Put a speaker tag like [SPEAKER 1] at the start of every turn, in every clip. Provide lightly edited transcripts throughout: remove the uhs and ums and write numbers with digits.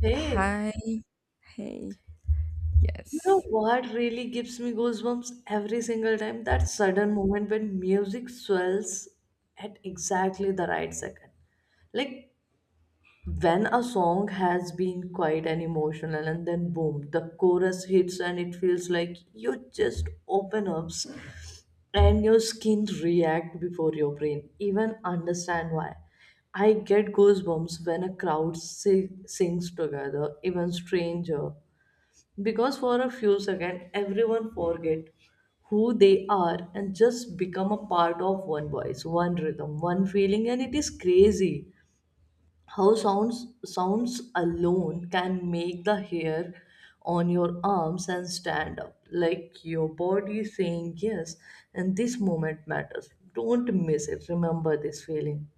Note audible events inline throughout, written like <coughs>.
[SPEAKER 1] Hey,
[SPEAKER 2] Hi, hey,
[SPEAKER 1] you know
[SPEAKER 2] yes.
[SPEAKER 1] what really gives me goosebumps every single time? That sudden moment when music swells at exactly the right second. Like when a song has been quiet and emotional, and then boom, the chorus hits, and it feels like you just open up and your skin react before your brain even understand why. I get goosebumps when a sings together, even stranger. Because for a few seconds, everyone forget who they are and just become a part of one voice, one rhythm, one feeling, and it is crazy how sounds alone can make the hair on your arms and stand up like your body is saying yes and this moment matters, don't miss it, remember this feeling.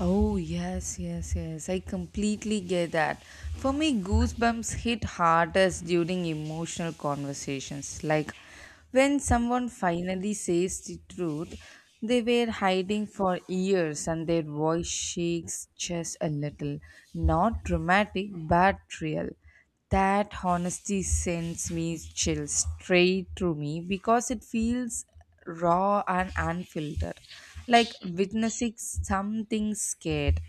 [SPEAKER 2] Oh, yes, yes, yes. I completely get that. For me, goosebumps hit hardest during emotional conversations. When someone finally says the truth they were hiding for years and their voice shakes just a little. Not dramatic, but real. That honesty sends me chills straight through me because it feels raw and unfiltered, like witnessing something scared.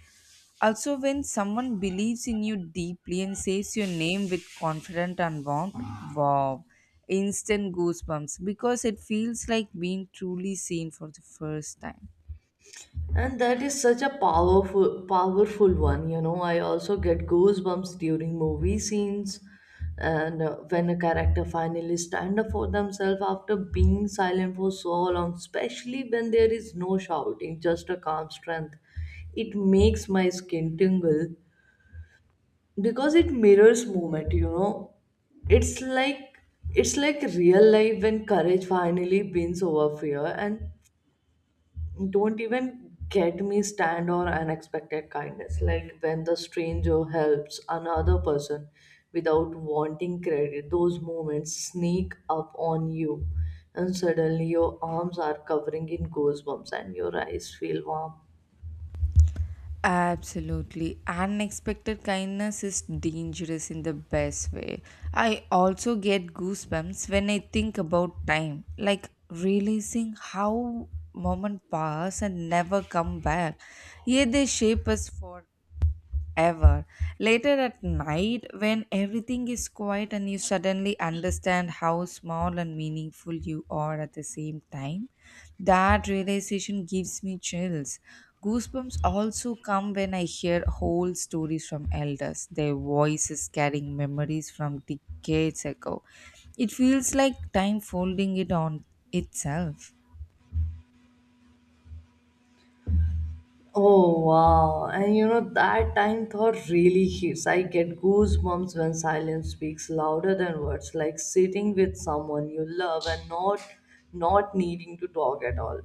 [SPEAKER 2] Also, when someone believes in you deeply and says your name with confidence and warmth, wow, instant goosebumps because it feels like being truly seen for the first time.
[SPEAKER 1] And that is such a powerful, powerful one. You know, I also get goosebumps during movie scenes, and when a character finally stand up for themselves after being silent for so long, especially when there is no shouting, just a calm strength, it makes my skin tingle because it mirrors movement. You know, it's like it's like real life when courage finally wins over fear, and don't even get me stand on unexpected kindness, like when the stranger helps another person without wanting credit. Those moments sneak up on you, and suddenly your arms are covering in goosebumps and your eyes feel warm.
[SPEAKER 2] Absolutely. Unexpected kindness is dangerous in the best way. I also get goosebumps when I think about time, like realizing how moments pass and never come back. Yet they shape us for ever. Later at night, when everything is quiet and you suddenly understand how small and meaningful you are at the same time, that realization gives me chills. Goosebumps also come when I hear whole stories from elders, their voices carrying memories from decades ago. It feels like time folding it on itself.
[SPEAKER 1] Oh wow. And you know that time thought really hits. I get goosebumps when silence speaks louder than words, like sitting with someone you love and not needing to talk at all.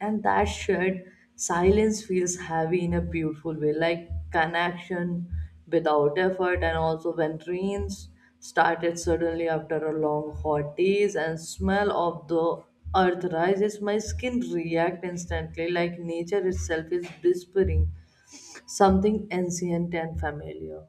[SPEAKER 1] And that shared silence feels heavy in a beautiful way, like connection without effort, and also when rains started suddenly after a long hot days and smell of the earth rises, my skin react instantly like nature itself is whispering something ancient and familiar.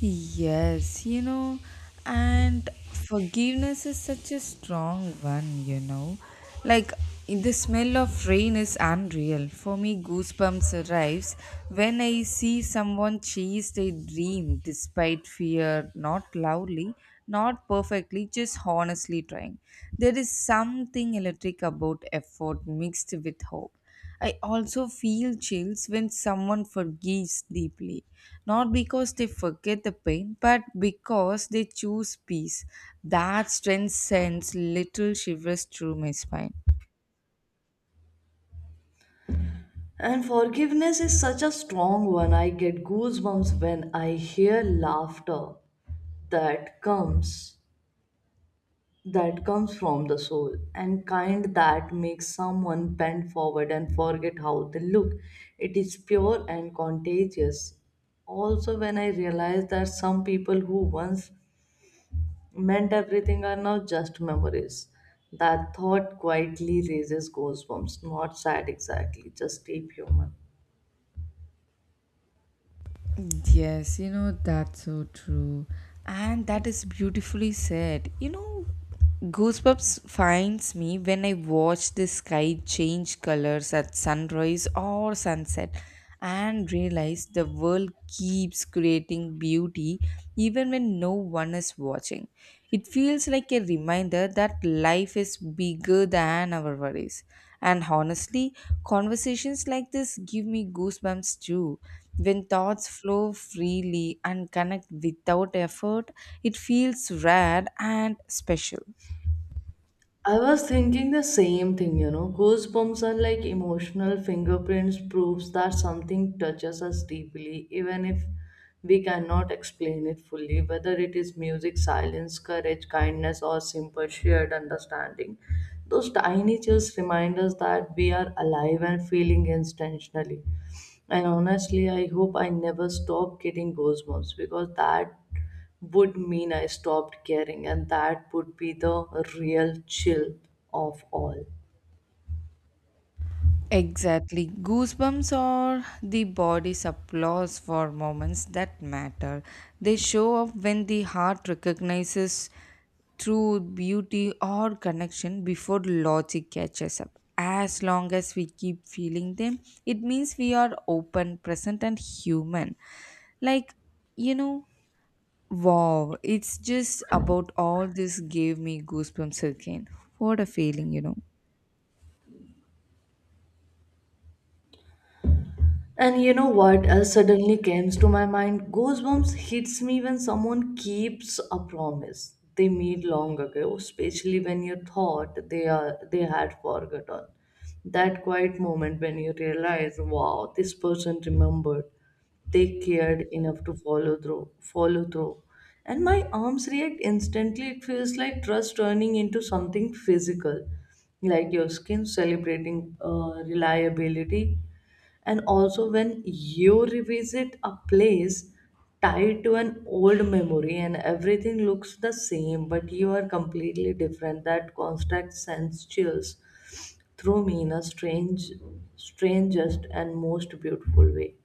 [SPEAKER 2] Yes, and forgiveness is such a strong one, you know. Like the smell of rain is unreal. For me, goosebumps arrives when I see someone chase their dream despite fear, not loudly, not perfectly, just honestly trying. There is something electric about effort mixed with hope. I also feel chills when someone forgives deeply, not because they forget the pain, but because they choose peace. That strength sends little shivers through my spine.
[SPEAKER 1] And forgiveness is such a strong one. I get goosebumps when I hear laughter that comes that comes from the soul, and kind that makes someone bend forward and forget how they look. It is pure and contagious. Also, when I realized that some people who once meant everything are now just memories, that thought quietly raises goosebumps. Not sad exactly, just deep human.
[SPEAKER 2] Yes, that's so true. And that is beautifully said. Goosebumps finds me when I watch the sky change colors at sunrise or sunset and realize the world keeps creating beauty even when no one is watching. It feels like a reminder that life is bigger than our worries. And honestly, conversations like this give me goosebumps too. When thoughts flow freely and connect without effort, it feels rare and special.
[SPEAKER 1] I was thinking the same thing, you know. Goosebumps are like emotional fingerprints, proves that something touches us deeply, even if we cannot explain it fully, whether it is music, silence, courage, kindness, or simple shared understanding. Those tiny chills remind us that we are alive and feeling intentionally. And honestly, I hope I never stop getting goosebumps, because that would mean I stopped caring, and that would be the real chill of all.
[SPEAKER 2] Exactly. Goosebumps are the body's applause for moments that matter. They show up when the heart recognizes truth, beauty, or connection before logic catches up. As long as we keep feeling them, it means we are open, present, and human. Like, you know, wow, it's just about all this gave me goosebumps again. What a feeling,
[SPEAKER 1] And you know what else suddenly comes to my mind? Goosebumps hits me when someone keeps a promise they made long ago, especially when you thought they had forgotten. That quiet moment when you realize, wow, this person remembered. They cared enough to follow through, follow through. And my arms react instantly. It feels like trust turning into something physical, like your skin celebrating reliability. And also when you revisit a place tied to an old memory and everything looks the same but you are completely different, that constant sends chills through me in a strangest and most beautiful way.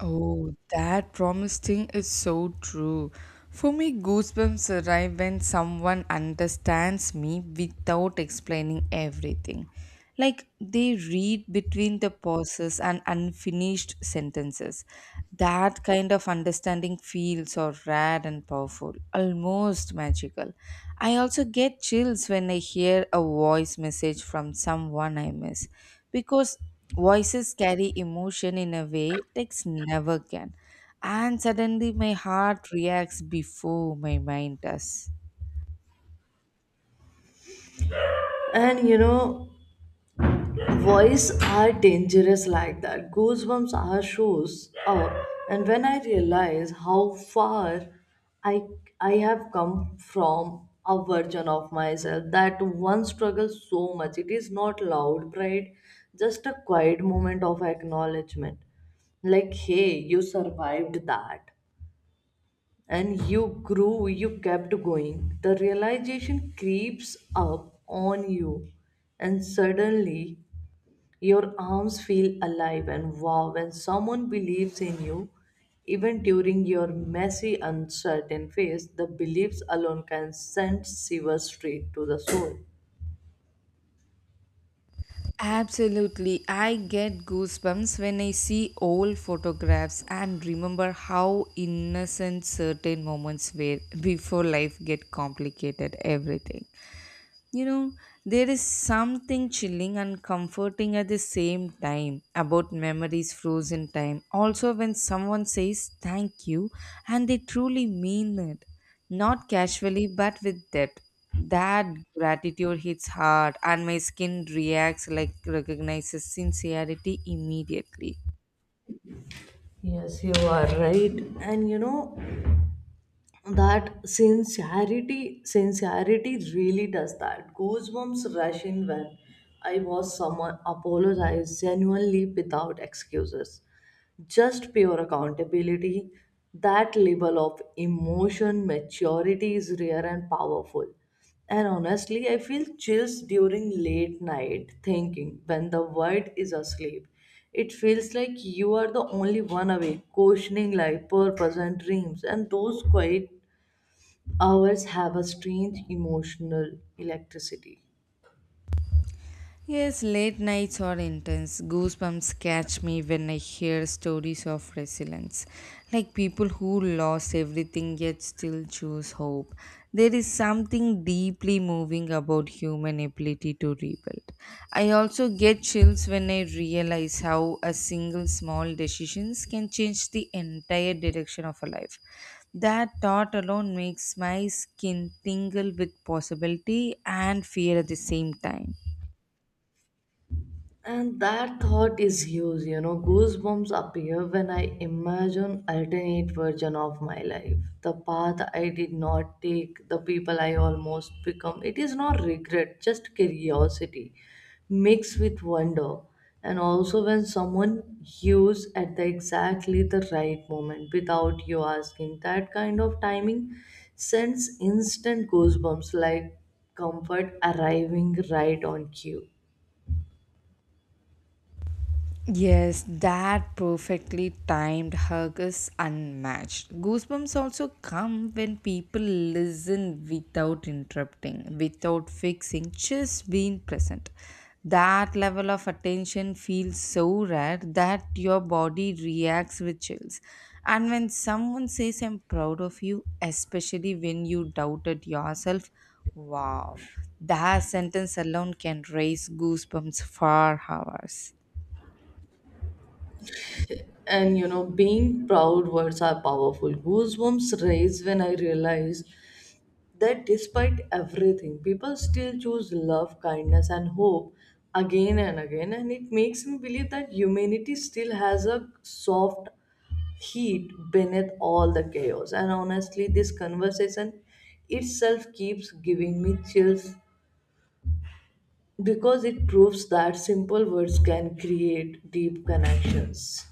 [SPEAKER 2] Oh, that promise thing is so true. For me, goosebumps arrive when someone understands me without explaining everything. Like they read between the pauses and unfinished sentences. That kind of understanding feels so rare and powerful, almost magical. I also get chills when I hear a voice message from someone I miss because voices carry emotion in a way text never can. And suddenly my heart reacts before my mind does.
[SPEAKER 1] And you know, Voice are dangerous like that. Goosebumps are shows up, and when I realize how far I I have come from a version of myself that one struggles so much. It is not loud pride, just a quiet moment of acknowledgement. Like, hey, you survived that, and you grew. You kept going. The realization creeps up on you, and suddenly your arms feel alive, and wow, when someone believes in you. Even during your messy, uncertain phase, the beliefs alone can send shivers straight to the soul.
[SPEAKER 2] Absolutely. I get goosebumps when I see old photographs and remember how innocent certain moments were before life get complicated everything. You know, there is something chilling and comforting at the same time about memories frozen time. Also, when someone says thank you and they truly mean it, not casually but with depth, that gratitude hits hard and my skin reacts like recognizes sincerity immediately.
[SPEAKER 1] Yes, you are right. And you know, that sincerity really does that. Goosebumps rush in when I was someone apologize genuinely without excuses, just pure accountability. That level of emotion maturity is rare and powerful. And honestly, I feel chills during late night thinking when the world is asleep. It feels like you are the only one awake, questioning life, purpose, and dreams. And those quiet hours have a strange emotional electricity.
[SPEAKER 2] Yes, late nights are intense. Goosebumps catch me when I hear stories of resilience, like people who lost everything yet still choose hope. There is something deeply moving about human ability to rebuild. I also get chills when I realize how a single small decisions can change the entire direction of a life. That thought alone makes my skin tingle with possibility and fear at the same time.
[SPEAKER 1] And that thought is huge, you know. Goosebumps appear when I imagine alternate version of my life. The path I did not take, the people I almost become. It is not regret, just curiosity mixed with wonder. And also when someone hews at the exactly the right moment without you asking, that kind of timing sends instant goosebumps like comfort arriving right on cue.
[SPEAKER 2] Yes, that perfectly timed hug is unmatched. Goosebumps also come when people listen without interrupting, without fixing, just being present. That level of attention feels so rare that your body reacts with chills. And when someone says, I'm proud of you, especially when you doubted yourself, wow, that sentence alone can raise goosebumps for hours.
[SPEAKER 1] And you know, being proud words are powerful. Goosebumps raise when I realize that despite everything, people still choose love, kindness, and hope again and again, and it makes me believe that humanity still has a soft heat beneath all the chaos. And honestly, this conversation itself keeps giving me chills because it proves that simple words can create deep connections.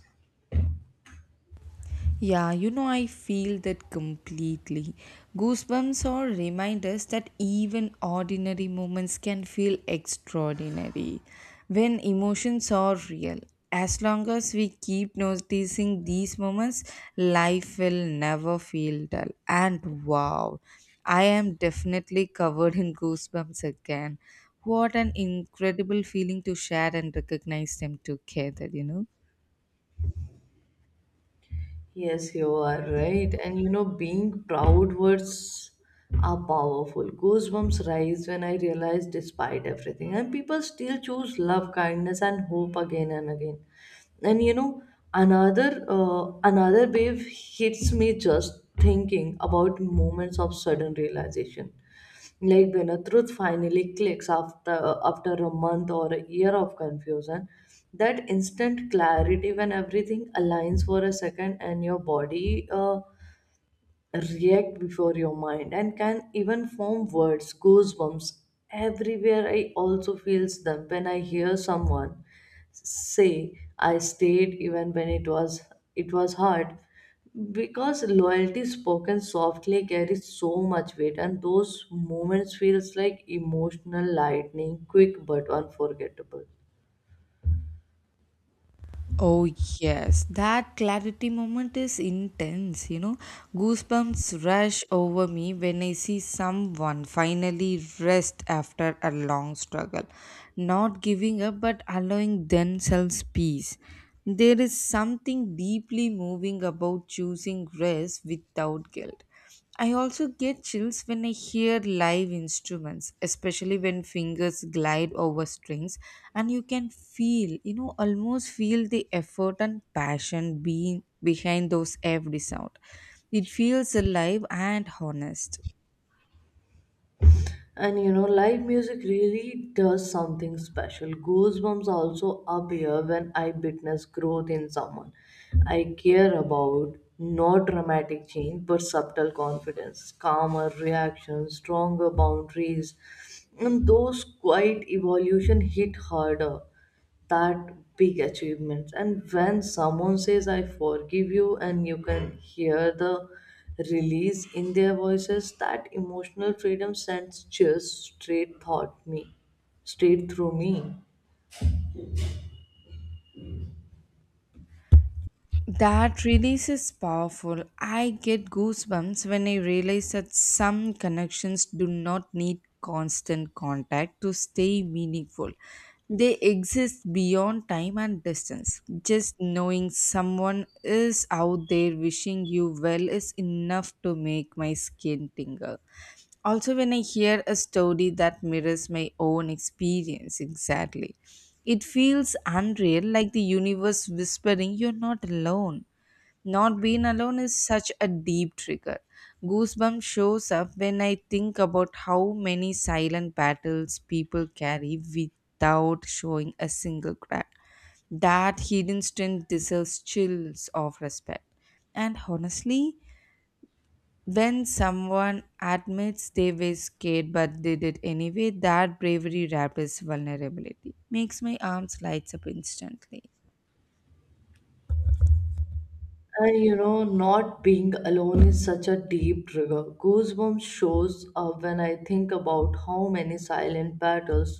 [SPEAKER 2] Yeah, I feel that completely. Goosebumps are reminders that even ordinary moments can feel extraordinary when emotions are real. As long as we keep noticing these moments, life will never feel dull. And wow, I am definitely covered in goosebumps again. What an incredible feeling to share and recognize them together,
[SPEAKER 1] Yes, you are right. And you know, being proud words are powerful. Goosebumps rise when I realize, despite everything, and people still choose love, kindness, and hope again and again. And you know, another wave hits me just thinking about moments of sudden realization. Like when a truth finally clicks after a month or a year of confusion, that instant clarity when everything aligns for a second and your body react before your mind and can even form words, goosebumps everywhere. I also feels them when I hear someone say, I stayed even when it was hard, because loyalty spoken softly carries so much weight, and those moments feels like emotional lightning, quick but unforgettable.
[SPEAKER 2] Oh, yes, that clarity moment is intense. Goosebumps rush over me when I see someone finally rest after a long struggle, not giving up but allowing themselves peace. There is something deeply moving about choosing rest without guilt. I also get chills when I hear live instruments, especially when fingers glide over strings and you can feel, almost feel the effort and passion being behind those every sound. It feels alive and honest.
[SPEAKER 1] And you know, live music really does something special. Goosebumps also appear when I witness growth in someone I care about, not dramatic change but subtle confidence, calmer reactions, stronger boundaries. And those quiet evolution hit harder that big achievements. And when someone says, I forgive you, and you can hear the release in their voices, that emotional freedom sends chills straight through me.
[SPEAKER 2] That release is powerful. I get goosebumps when I realize that some connections do not need constant contact to stay meaningful. They exist beyond time and distance. Just knowing someone is out there wishing you well is enough to make my skin tingle. Also, when I hear a story that mirrors my own experience exactly, it feels unreal, like the universe whispering, You're not alone. Not being alone is such a deep trigger. Goosebumps shows up when I think about how many silent battles people carry without showing a single crack. That hidden strength deserves chills of respect. And honestly, when someone admits they were scared but did it anyway, that bravery wrapped as vulnerability. Makes my arms lights up instantly.
[SPEAKER 1] And you know, not being alone is such a deep trigger. Goosebumps shows up when I think about how many silent battles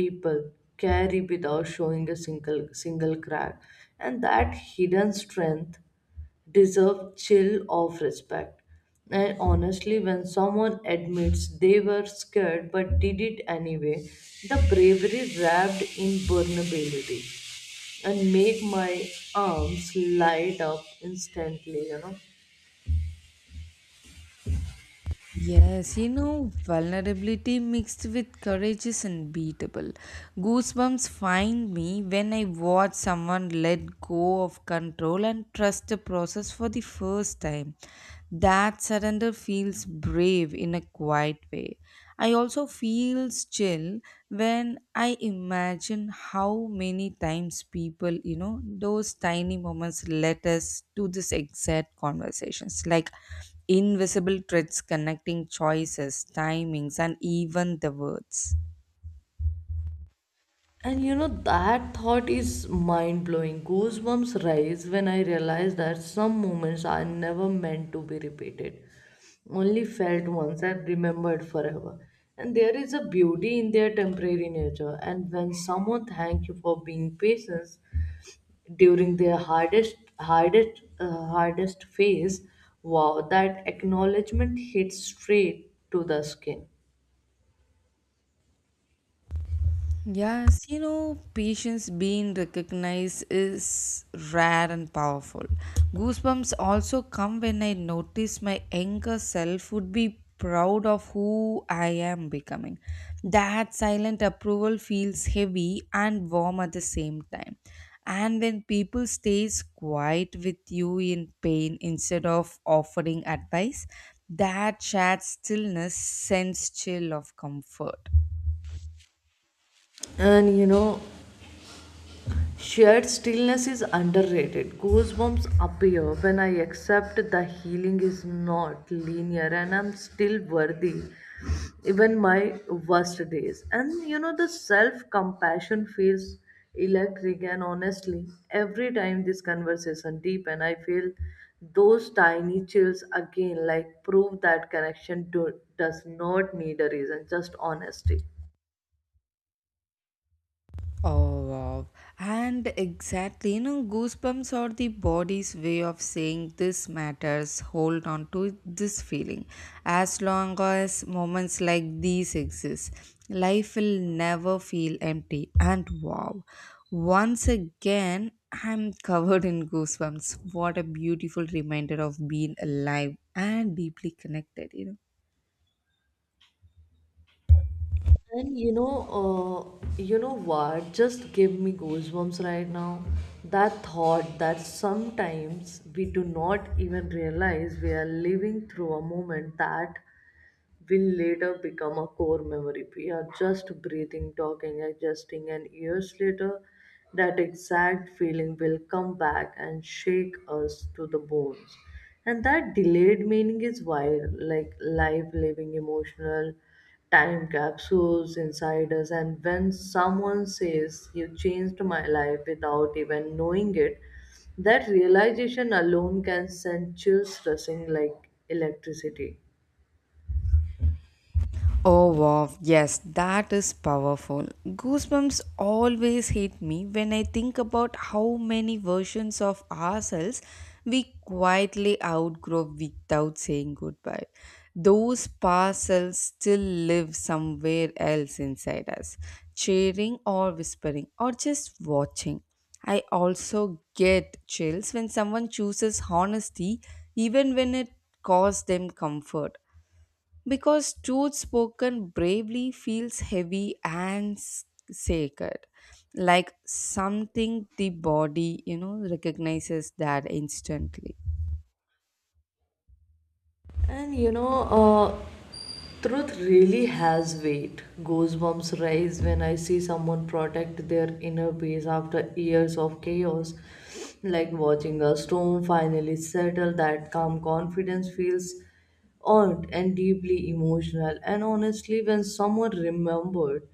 [SPEAKER 1] people carry without showing a single crack, and that hidden strength deserve chill of respect. And honestly, when someone admits they were scared but did it anyway, the bravery wrapped in vulnerability and make my arms light up instantly, you know.
[SPEAKER 2] Yes, vulnerability mixed with courage is unbeatable. Goosebumps find me when I watch someone let go of control and trust the process for the first time. That surrender feels brave in a quiet way. I also feel chill when I imagine how many times people, those tiny moments let us to this exact conversations. Like invisible threads connecting choices, timings, and even the words.
[SPEAKER 1] And you know, that thought is mind blowing. Goosebumps rise when I realize that some moments are never meant to be repeated, only felt once and remembered forever. And there is a beauty in their temporary nature. And when someone thanks you for being patient during their hardest phase, wow, that acknowledgement hits straight to the skin.
[SPEAKER 2] Yes, patience being recognized is rare and powerful. Goosebumps also come when I notice my younger self would be proud of who I am becoming. That silent approval feels heavy and warm at the same time. And when people stays quiet with you in pain instead of offering advice, that shared stillness sends chill of comfort.
[SPEAKER 1] And you know, Shared stillness is underrated. Goosebumps appear when I accept the healing is not linear and I'm still worthy, even my worst days. And you know, the self compassion feels electric, and honestly, every time this conversation deepens, I feel those tiny chills again, like prove that does not need a reason, just honesty.
[SPEAKER 2] Oh wow. And exactly, goosebumps are the body's way of saying this matters, hold on to this feeling. As long as moments like these exist, life will never feel empty. And wow, once again, I'm <laughs> covered in goosebumps. What a beautiful reminder of being alive and deeply connected,
[SPEAKER 1] And you know, you know what? Just give me goosebumps right now. That thought that sometimes we do not even realize we are living through a moment that will later become a core memory. We are just breathing, talking, adjusting, and years later, that exact feeling will come back and shake us to the bones. And that delayed meaning is wild, like life, living, emotional time capsules inside us. And when someone says you changed my life without even knowing it, that realization alone can send chills rushing like electricity.
[SPEAKER 2] Oh wow, yes, that is powerful. Goosebumps always hit me when I think about how many versions of ourselves we quietly outgrow without saying goodbye. Those past selves still live somewhere else inside us, cheering or whispering or just watching. I also get chills when someone chooses honesty even when it costs them comfort because truth spoken bravely feels heavy and sacred like something the body recognizes that instantly.
[SPEAKER 1] And you know uh, Truth really has weight. Goosebumps rise when I see someone protect their inner peace after years of chaos. Like watching a storm finally settle, that calm confidence feels earned and deeply emotional. And honestly, when someone remembered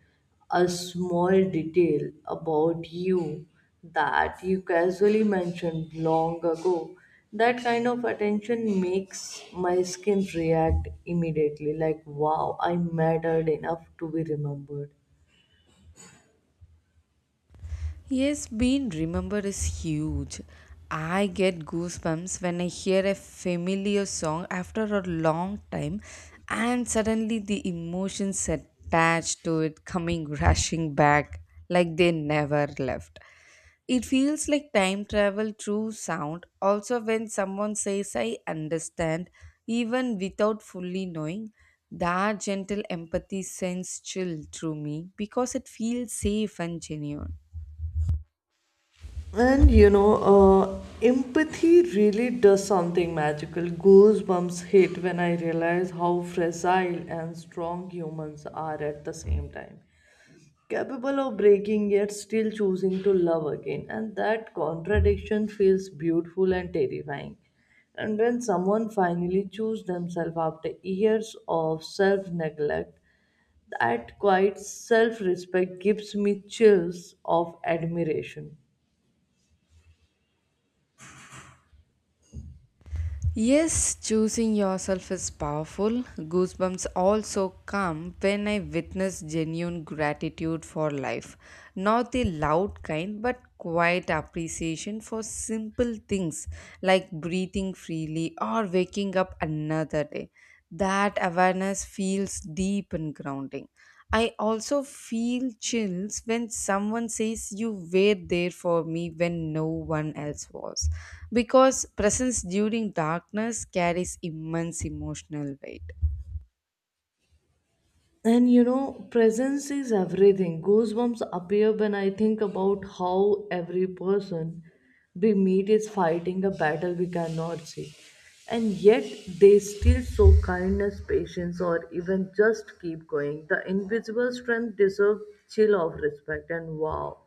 [SPEAKER 1] a small detail about you that you casually mentioned long ago. That kind of attention makes my skin react immediately, like, wow, I mattered enough to be remembered.
[SPEAKER 2] Yes, being remembered is huge. I get goosebumps when I hear a familiar song after a long time, and suddenly the emotions attached to it coming <laughs> rushing back like they never left. It feels like time travel through sound. Also, when someone says, I understand, even without fully knowing, that gentle empathy sends chill through me because it feels safe and genuine.
[SPEAKER 1] Empathy really does something magical. Goosebumps hit when I realize how fragile and strong humans are at the same time, capable of breaking yet still choosing to love again, and that contradiction feels beautiful and terrifying. And when someone finally chooses themselves after years of self neglect, that quiet self respect gives me chills of admiration.
[SPEAKER 2] Yes, choosing yourself is powerful. Goosebumps also come when I witness genuine gratitude for life. Not the loud kind, but quiet appreciation for simple things like breathing freely or waking up another day. That awareness feels deep and grounding. I also feel chills when someone says you were there for me when no one else was. Because presence during darkness carries immense emotional weight.
[SPEAKER 1] And you know, presence is everything. Goosebumps appear when I think about how every person we meet is fighting a battle we cannot see. And yet they still show kindness, patience, or even just keep going. The invisible strength deserves chill of respect, and wow.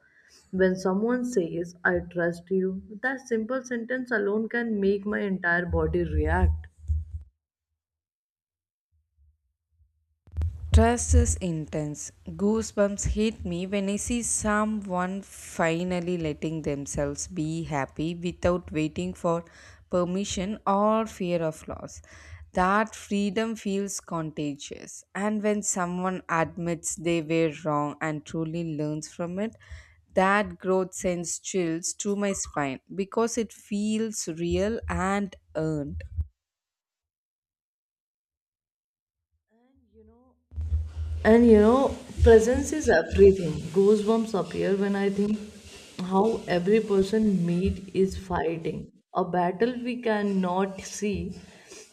[SPEAKER 1] When someone says, I trust you, that simple sentence alone can make my entire body react.
[SPEAKER 2] Trust is intense. Goosebumps hit me when I see someone finally letting themselves be happy without waiting for permission or fear of loss. That freedom feels contagious. And when someone admits they were wrong and truly learns from it, that growth sends chills to my spine because it feels real and earned.
[SPEAKER 1] And you know, And you know, Presence is everything. Goosebumps appear when I think how every person meet is fighting a battle we cannot see,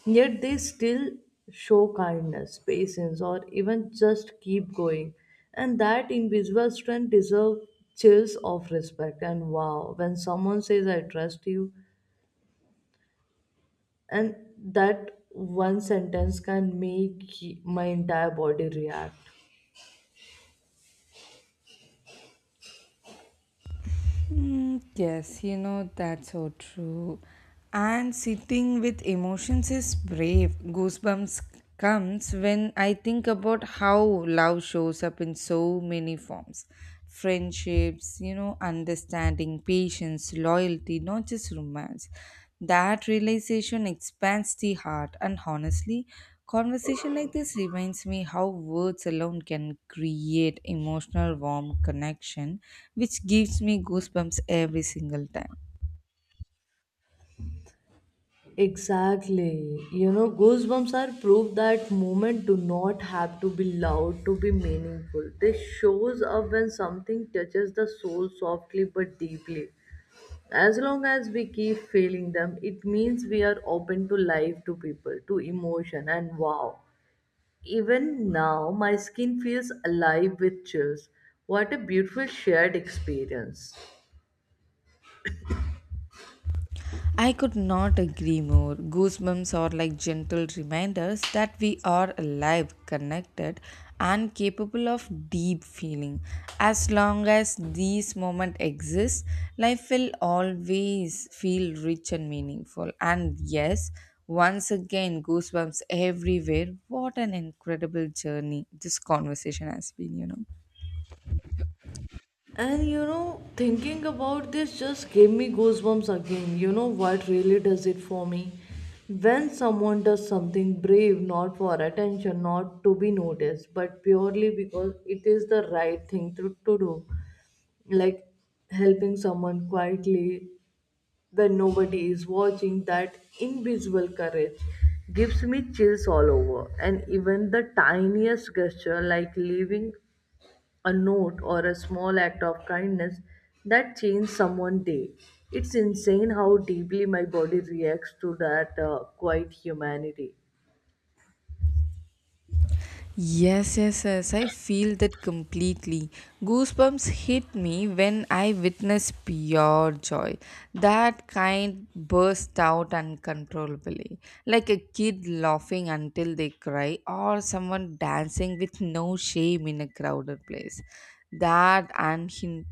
[SPEAKER 1] yet they still show kindness, patience, or even just keep going. And that invisible strength deserves chills of respect. And wow, when someone says, I trust you, and that one sentence can make my entire body react.
[SPEAKER 2] Mm, yes, that's so true. And sitting with emotions is brave. Goosebumps comes when I think about how love shows up in so many forms friendships, understanding, patience, loyalty, not just romance. That realization expands the heart, and honestly, conversation like this reminds me how words alone can create emotional warm connection, which gives me goosebumps every single time.
[SPEAKER 1] Exactly. You know, goosebumps are proof that movement do not have to be loud to be meaningful. This shows up when something touches the soul softly but deeply. As long as we keep feeling them, it means we are open to life, to people, to emotion, and wow. Even now, my skin feels alive with chills. What a beautiful shared experience.
[SPEAKER 2] I could not agree more. Goosebumps are like gentle reminders that we are alive, connected, and capable of deep feeling. As long as these moments exist, life will always feel rich and meaningful. And yes, once again, goosebumps everywhere. What an incredible journey this conversation has been,
[SPEAKER 1] And you know, thinking about this just gave me goosebumps again. You know what really does it for me? When someone does something brave, not for attention, not to be noticed, but purely because it is the right thing to do, like helping someone quietly when nobody is watching, that invisible courage gives me chills all over. And even the tiniest gesture, like leaving a note or a small act of kindness that changed someone's day. It's insane how deeply my body reacts to that quiet humanity.
[SPEAKER 2] Yes, yes, yes. I feel that completely. Goosebumps hit me when I witness pure joy. That kind burst out uncontrollably, like a kid laughing until they cry, or someone dancing with no shame in a crowded place. That unhinged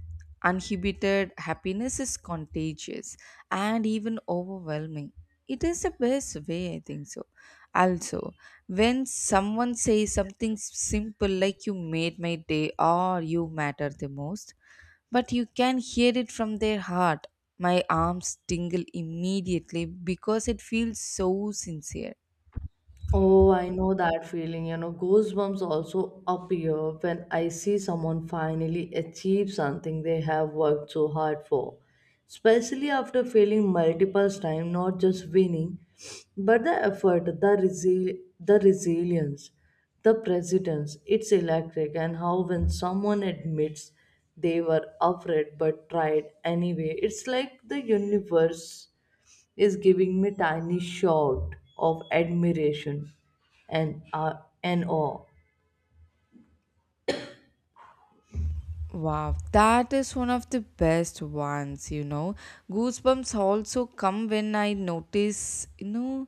[SPEAKER 2] Uninhibited happiness is contagious and even overwhelming. It is the best way, I think so. Also, when someone says something simple like you made my day or you matter the most, but you can hear it from their heart, my arms tingle immediately because it feels so sincere.
[SPEAKER 1] Oh, I know that feeling. You know, goosebumps also appear when I see someone finally achieve something they have worked so hard for. Especially after failing multiple times, not just winning, but the effort, the the resilience, the presence. It's electric, and how when someone admits they were afraid but tried anyway, it's like the universe is giving me tiny shout of admiration and uh, and awe.
[SPEAKER 2] Wow, that is one of the best ones, Goosebumps also come when I notice,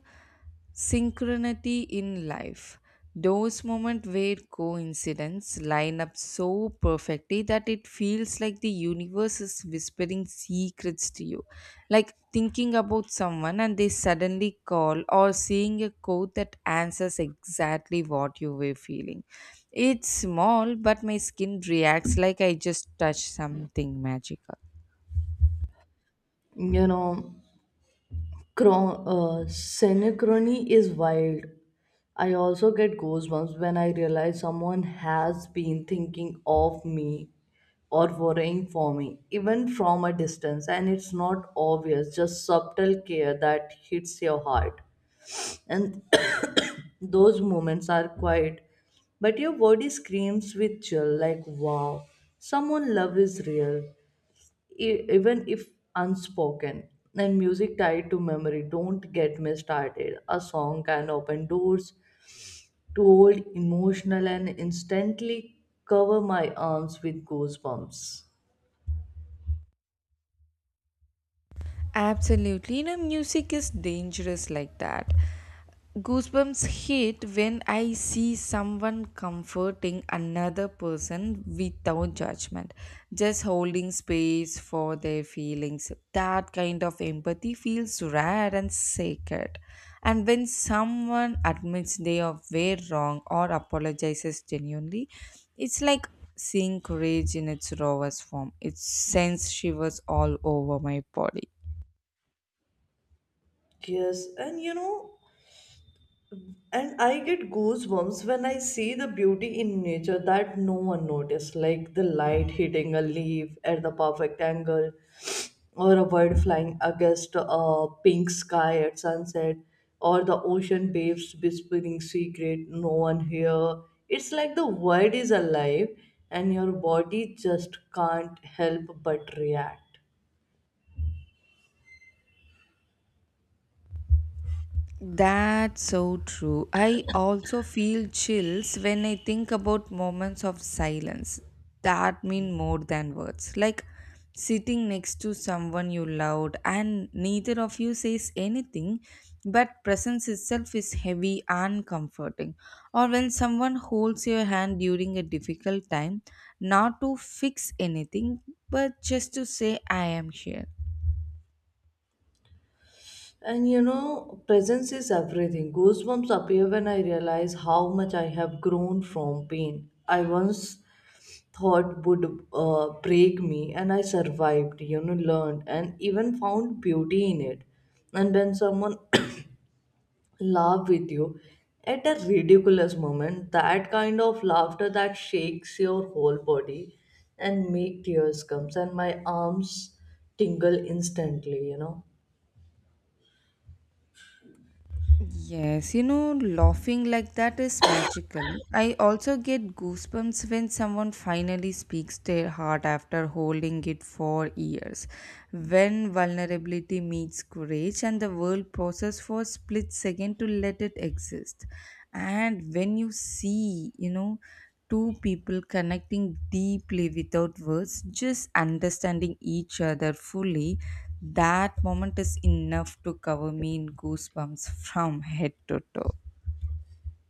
[SPEAKER 2] synchronicity in life. Those moments where coincidence line up so perfectly that it feels like the universe is whispering secrets to you. Like thinking about someone and they suddenly call, or seeing a quote that answers exactly what you were feeling. It's small, but my skin reacts like I just touched something magical.
[SPEAKER 1] You know, synchrony is wild. I also get goosebumps when I realize someone has been thinking of me or worrying for me, even from a distance, and it's not obvious, just subtle care that hits your heart. And those moments are quiet, but your body screams with chill like, wow, someone love is real, even if unspoken. And music tied to memory, don't get me started. A song can open doors to old emotional and instantly cover my arms with goosebumps.
[SPEAKER 2] Absolutely, music is dangerous like that. Goosebumps hit when I see someone comforting another person without judgment, just holding space for their feelings. That kind of empathy feels rare and sacred. And when someone admits they are way wrong or apologizes genuinely, it's like seeing courage in its rawest form. It sends shivers all over my body.
[SPEAKER 1] Yes, and you know, And I get goosebumps when I see the beauty in nature that no one noticed, like the light hitting a leaf at the perfect angle, or a bird flying against a pink sky at sunset, or the ocean waves whispering secret no one hear. It's like the world is alive and your body just can't help but react.
[SPEAKER 2] That's so true. I also feel chills when I think about moments of silence that mean more than words. Like sitting next to someone you loved and neither of you says anything, but presence itself is heavy and comforting. Or when someone holds your hand during a difficult time, not to fix anything, but just to say, I am here.
[SPEAKER 1] And you know, presence is everything. Goosebumps appear when I realize how much I have grown from pain. I once thought would break me, and I survived, you know, learned, and even found beauty in it. And when someone <coughs> laughs with you at a ridiculous moment, that kind of laughter that shakes your whole body and make tears comes and my arms tingle instantly, you know.
[SPEAKER 2] Yes, laughing like that is magical. I also get goosebumps when someone finally speaks their heart after holding it for years. When vulnerability meets courage and the world pauses for a split second to let it exist. And when you see, two people connecting deeply without words, just understanding each other fully, that moment is enough to cover me in goosebumps <laughs> from head to toe.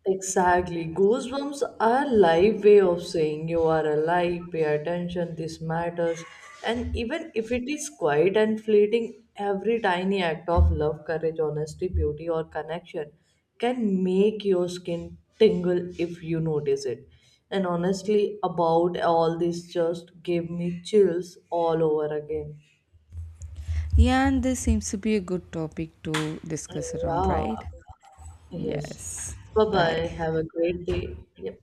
[SPEAKER 1] Exactly. Ghost bumps are live way of saying you are alive, pay attention, this matters. And even if it is quiet and fleeting, every tiny act of love, courage, honesty, beauty, or connection can make your skin tingle if you notice it. And honestly, about all this just gave me chills all over again.
[SPEAKER 2] Yeah, and this seems to be a good topic to discuss around,
[SPEAKER 1] Yeah.
[SPEAKER 2] right?
[SPEAKER 1] Yes.
[SPEAKER 2] Yes.
[SPEAKER 1] Bye bye.
[SPEAKER 2] Bye.
[SPEAKER 1] Have a great day. Yep.